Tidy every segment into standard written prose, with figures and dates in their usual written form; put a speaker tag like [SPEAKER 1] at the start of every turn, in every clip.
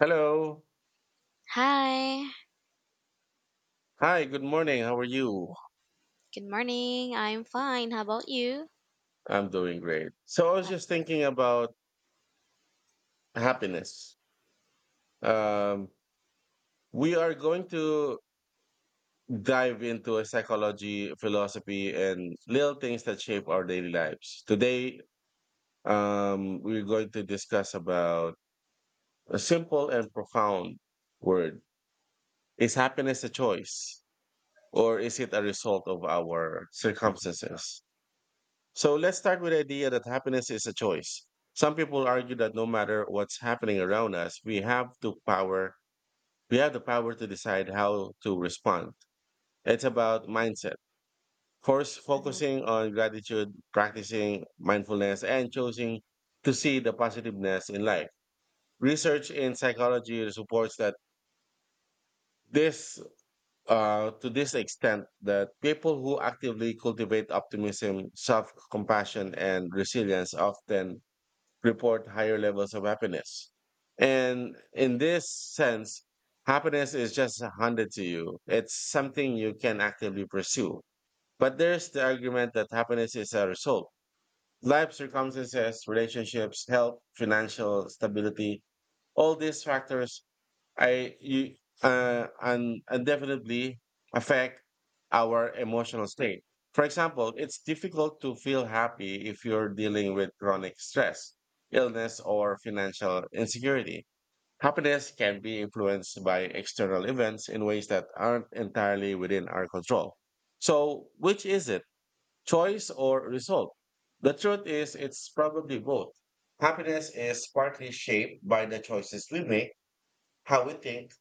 [SPEAKER 1] Hello.
[SPEAKER 2] Hi,
[SPEAKER 1] Hi, good morning. How are you?
[SPEAKER 2] good morning. I'm fine. How about you?
[SPEAKER 1] I'm doing great. So I was just thinking about happiness. Um, we are going to dive into a psychology, philosophy, and little things that shape our daily lives. Today, we're going to discuss about a simple and profound word. Is happiness a choice or is it a result of our circumstances? So let's start with the idea that happiness is a choice. Some people argue that no matter what's happening around us, we have the power to decide how to respond. It's about mindset. First,
[SPEAKER 2] Mm-hmm,
[SPEAKER 1] focusing on gratitude, practicing mindfulness, and choosing to see the positiveness in life. Research in psychology supports that this to this extent that people who actively cultivate optimism, self-compassion, and resilience often report higher levels of happiness. And in this sense, happiness is just handed to you, it's something you can actively pursue. But there's the argument that happiness is a result. Life circumstances, relationships, health, financial stability, all these factors I you, and definitely affect our emotional state. For example, it's difficult to feel happy if you're dealing with chronic stress, illness, or financial insecurity. Happiness can be influenced by external events in ways that aren't entirely within our control. So, which is it, choice or result? The truth is, it's probably both. Happiness is partly shaped by the choices we make, how we think,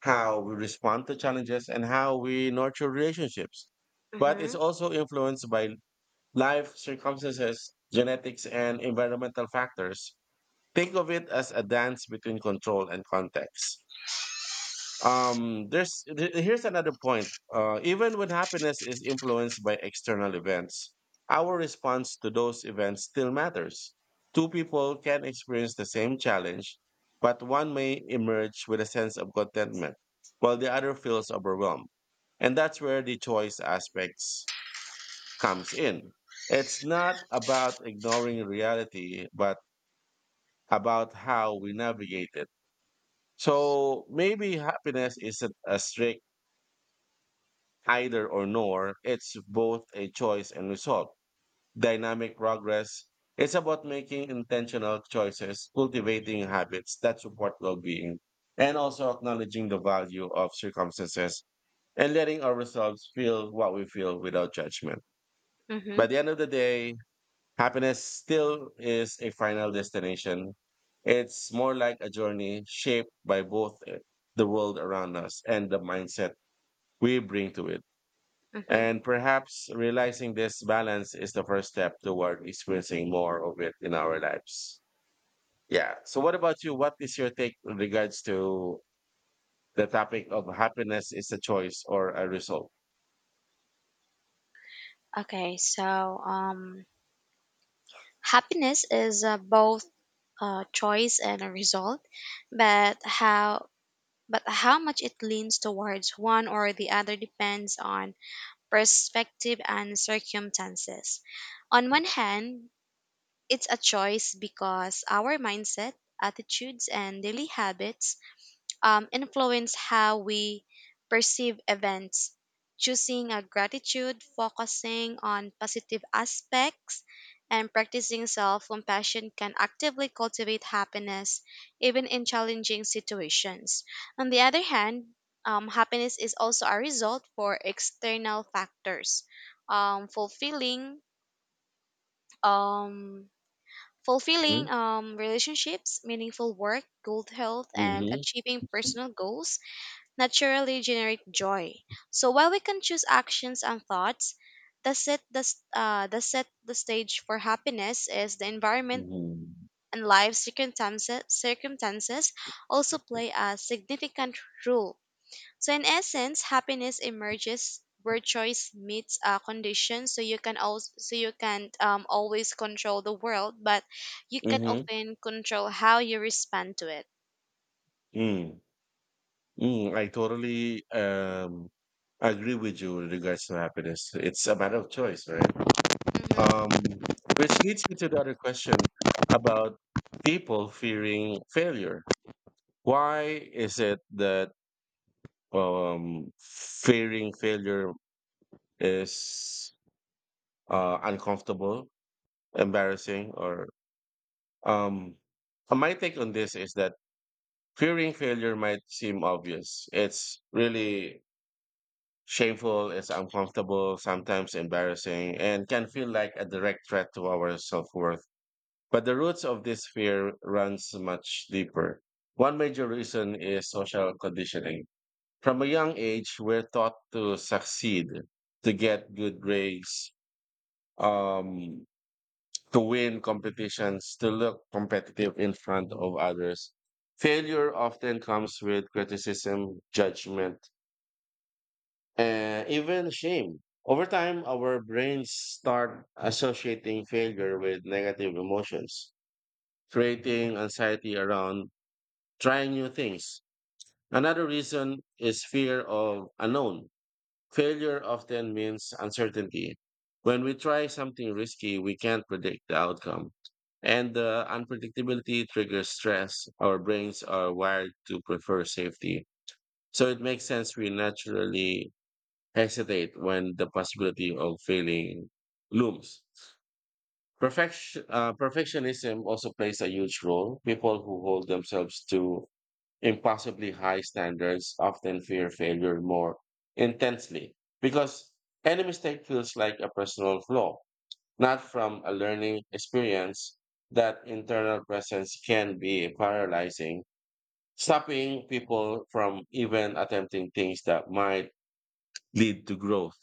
[SPEAKER 1] how we respond to challenges, and how we nurture relationships. But
[SPEAKER 2] mm-hmm,
[SPEAKER 1] it's also influenced by life circumstances, genetics, and environmental factors. Think of it as a dance between control and context. Here's another point. Even when happiness is influenced by external events, our response to those events still matters. Two people can experience the same challenge, but one may emerge with a sense of contentment while the other feels overwhelmed, and that's where the choice aspects comes in. It's not about ignoring reality but about how we navigate it. So maybe happiness isn't a strict either or nor, it's both a choice and result. Dynamic progress is about making intentional choices, cultivating habits that support well being, and also acknowledging the value of circumstances and letting ourselves feel what we feel without judgment.
[SPEAKER 2] mm-hmm,
[SPEAKER 1] By the end of the day, happiness still is a final destination. It's more like a journey shaped by both the world around us and the mindset we bring to it.
[SPEAKER 2] mm-hmm.
[SPEAKER 1] And perhaps realizing this balance is the first step toward experiencing more of it in our lives. Yeah. So, what about you? What is your take in regards to the topic of happiness is a choice or a result?
[SPEAKER 2] Okay, so um, happiness is both a choice and a result, but how but how much it leans towards one or the other depends on perspective and circumstances. On one hand, it's a choice because our mindset, attitudes, and daily habits influence how we perceive events. Choosing a gratitude, focusing on positive aspects, and practicing self compassion can actively cultivate happiness even in challenging situations. On the other hand, happiness is also a result for external factors. Um, fulfilling um,
[SPEAKER 1] Hmm?
[SPEAKER 2] fulfilling relationships, meaningful work, good health, and
[SPEAKER 1] Mm-hmm.
[SPEAKER 2] achieving personal goals naturally generate joy. So while we can choose actions and thoughts that that set the stage for happiness is the environment
[SPEAKER 1] Mm-hmm.
[SPEAKER 2] and life circumstances, circumstances also play a significant role. So in essence, happiness emerges where choice meets a condition. So you can't always control the world, but you can
[SPEAKER 1] Mm-hmm.
[SPEAKER 2] often control how you respond to it.
[SPEAKER 1] Mm. Mm. I totally agree with you in regards to happiness. It's a matter of choice, right?
[SPEAKER 2] Mhm.
[SPEAKER 1] Um, which leads me to the other question about people fearing failure. Why is it that fearing failure is uncomfortable, embarrassing, or um, my take on this is that fearing failure might seem obvious. It's really shameful, it's uncomfortable, sometimes embarrassing, and can feel like a direct threat to our self worth. But the roots of this fear runs much deeper. One major reason is social conditioning. From a young age, we're taught to succeed, to get good grades, um, to win competitions, to look competitive in front of others. Failure often comes with criticism, judgment, and even shame. Over time, our brains start associating failure with negative emotions, creating anxiety around trying new things. Another reason is fear of unknown. Failure often means uncertainty. When we try something risky, we can't predict the outcome. And the unpredictability triggers stress. Our brains are wired to prefer safety. So it makes sense we naturally hesitate when the possibility of failing looms. Perfectionism also plays a huge role. People who hold themselves to impossibly high standards often fear failure more intensely because any mistake feels like a personal flaw, not from a learning experience. That internal presence can be paralyzing, stopping people from even attempting things that might lead to growth.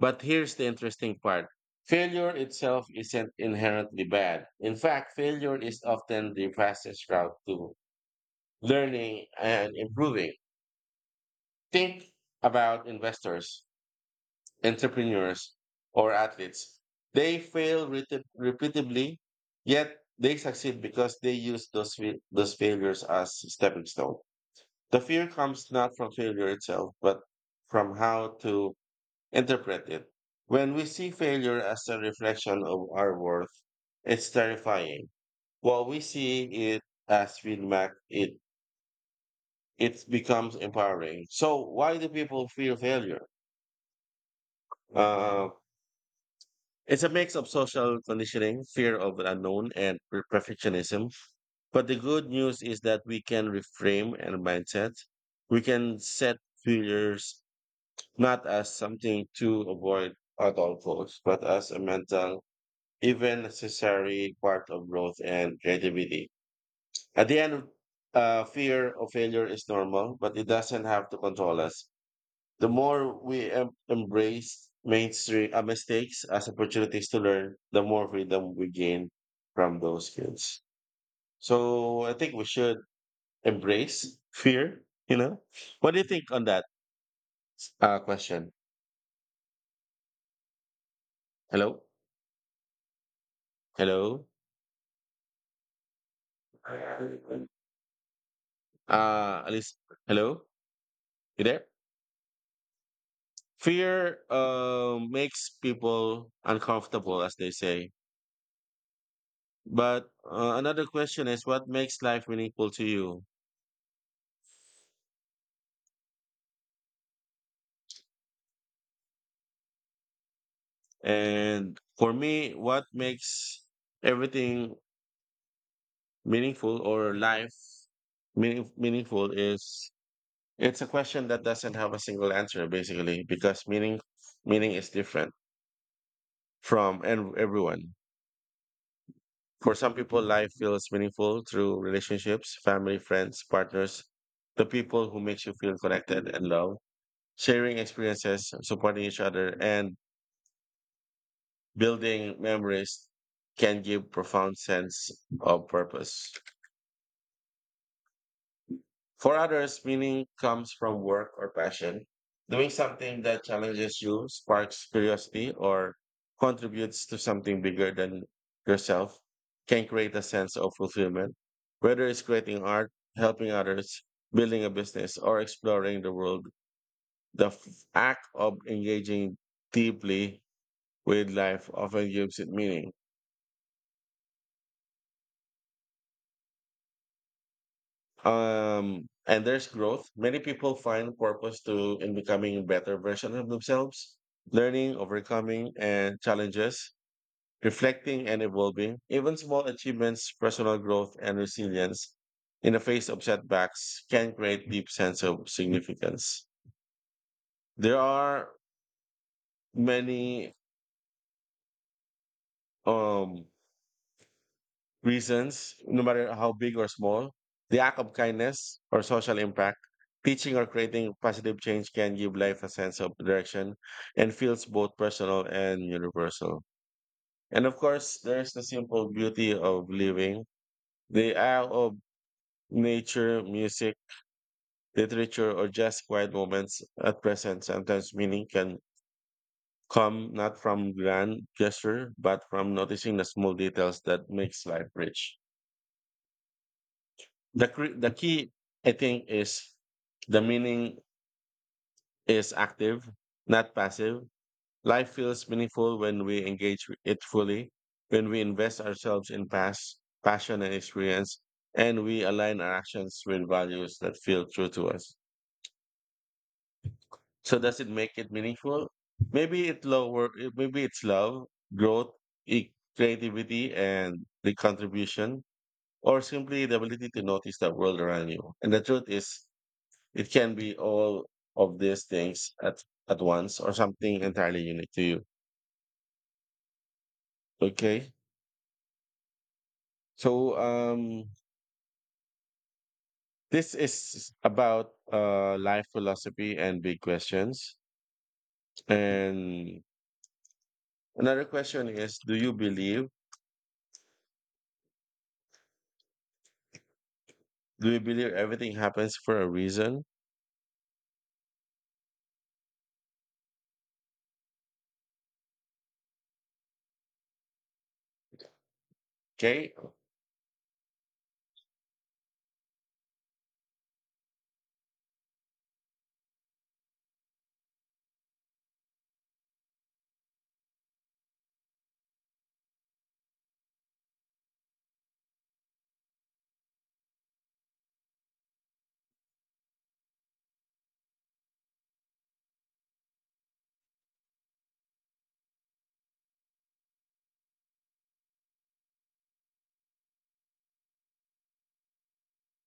[SPEAKER 1] But here's the interesting part. Failure itself isn't inherently bad. In fact, failure is often the fastest route to learning and improving. Think about investors, entrepreneurs, or athletes. They repeatedly, yet they succeed because they use those failures as stepping stone. The fear comes not from failure itself, but from how to interpret it. When we see failure as a reflection of our worth, it's terrifying. While we see it as feedback, it becomes empowering. So why do people fear failure? Um, It's a mix of social conditioning, fear of the unknown, and perfectionism. But the good news is that we can reframe our mindset. We can set failures not as something to avoid at all costs, but as a mental, even necessary part of growth and creativity. At the end, fear of failure is normal, but it doesn't have to control us. The more we em- embrace mainstream mistakes as opportunities to learn, the more freedom we gain from those kids. So I think we should embrace fear. You know, what do you think on that question? Hello, hello. At hello, you there? Fear makes people uncomfortable, as they say. But another question is, what makes life meaningful to you? And for me, what makes everything meaningful or life meaningful is it's a question that doesn't have a single answer, basically, because meaning is different from and everyone. For some people, life feels meaningful through relationships, family, friends, partners, the people who makes you feel connected and loved, sharing experiences, supporting each other, and building memories can give profound sense of purpose. For others, meaning comes from work or passion. Doing something that challenges you, sparks curiosity, or contributes to something bigger than yourself can create a sense of fulfillment. Whether it's creating art, helping others, building a business, or exploring the world, the f- act of engaging deeply with life often gives it meaning. And there's growth. Many people find purpose to in becoming a better version of themselves, learning, overcoming, and challenges, reflecting and evolving. Even small achievements, personal growth, and resilience in the face of setbacks can create deep sense of significance. There are many um reasons, no matter how big or small, the act of kindness or social impact, teaching or creating positive change can give life a sense of direction and feels both personal and universal. And of course, there's the simple beauty of living, the act of nature, music, literature, or just quiet moments at present. Sometimes meaning can come not from grand gesture, but from noticing the small details that makes life rich. The key I think is the meaning is active, not passive. Life feels meaningful when we engage with it fully, when we invest ourselves in past passion and experience, and we align our actions with values that feel true to us. So does it make it meaningful? Maybe it lower Maybe it's love, growth, creativity and the contribution, or simply the ability to notice the world around you. And the truth is it can be all of these things at once or something entirely unique to you. Okay. So this is about life philosophy and big questions. And another question is do you believe everything happens for a reason? Okay.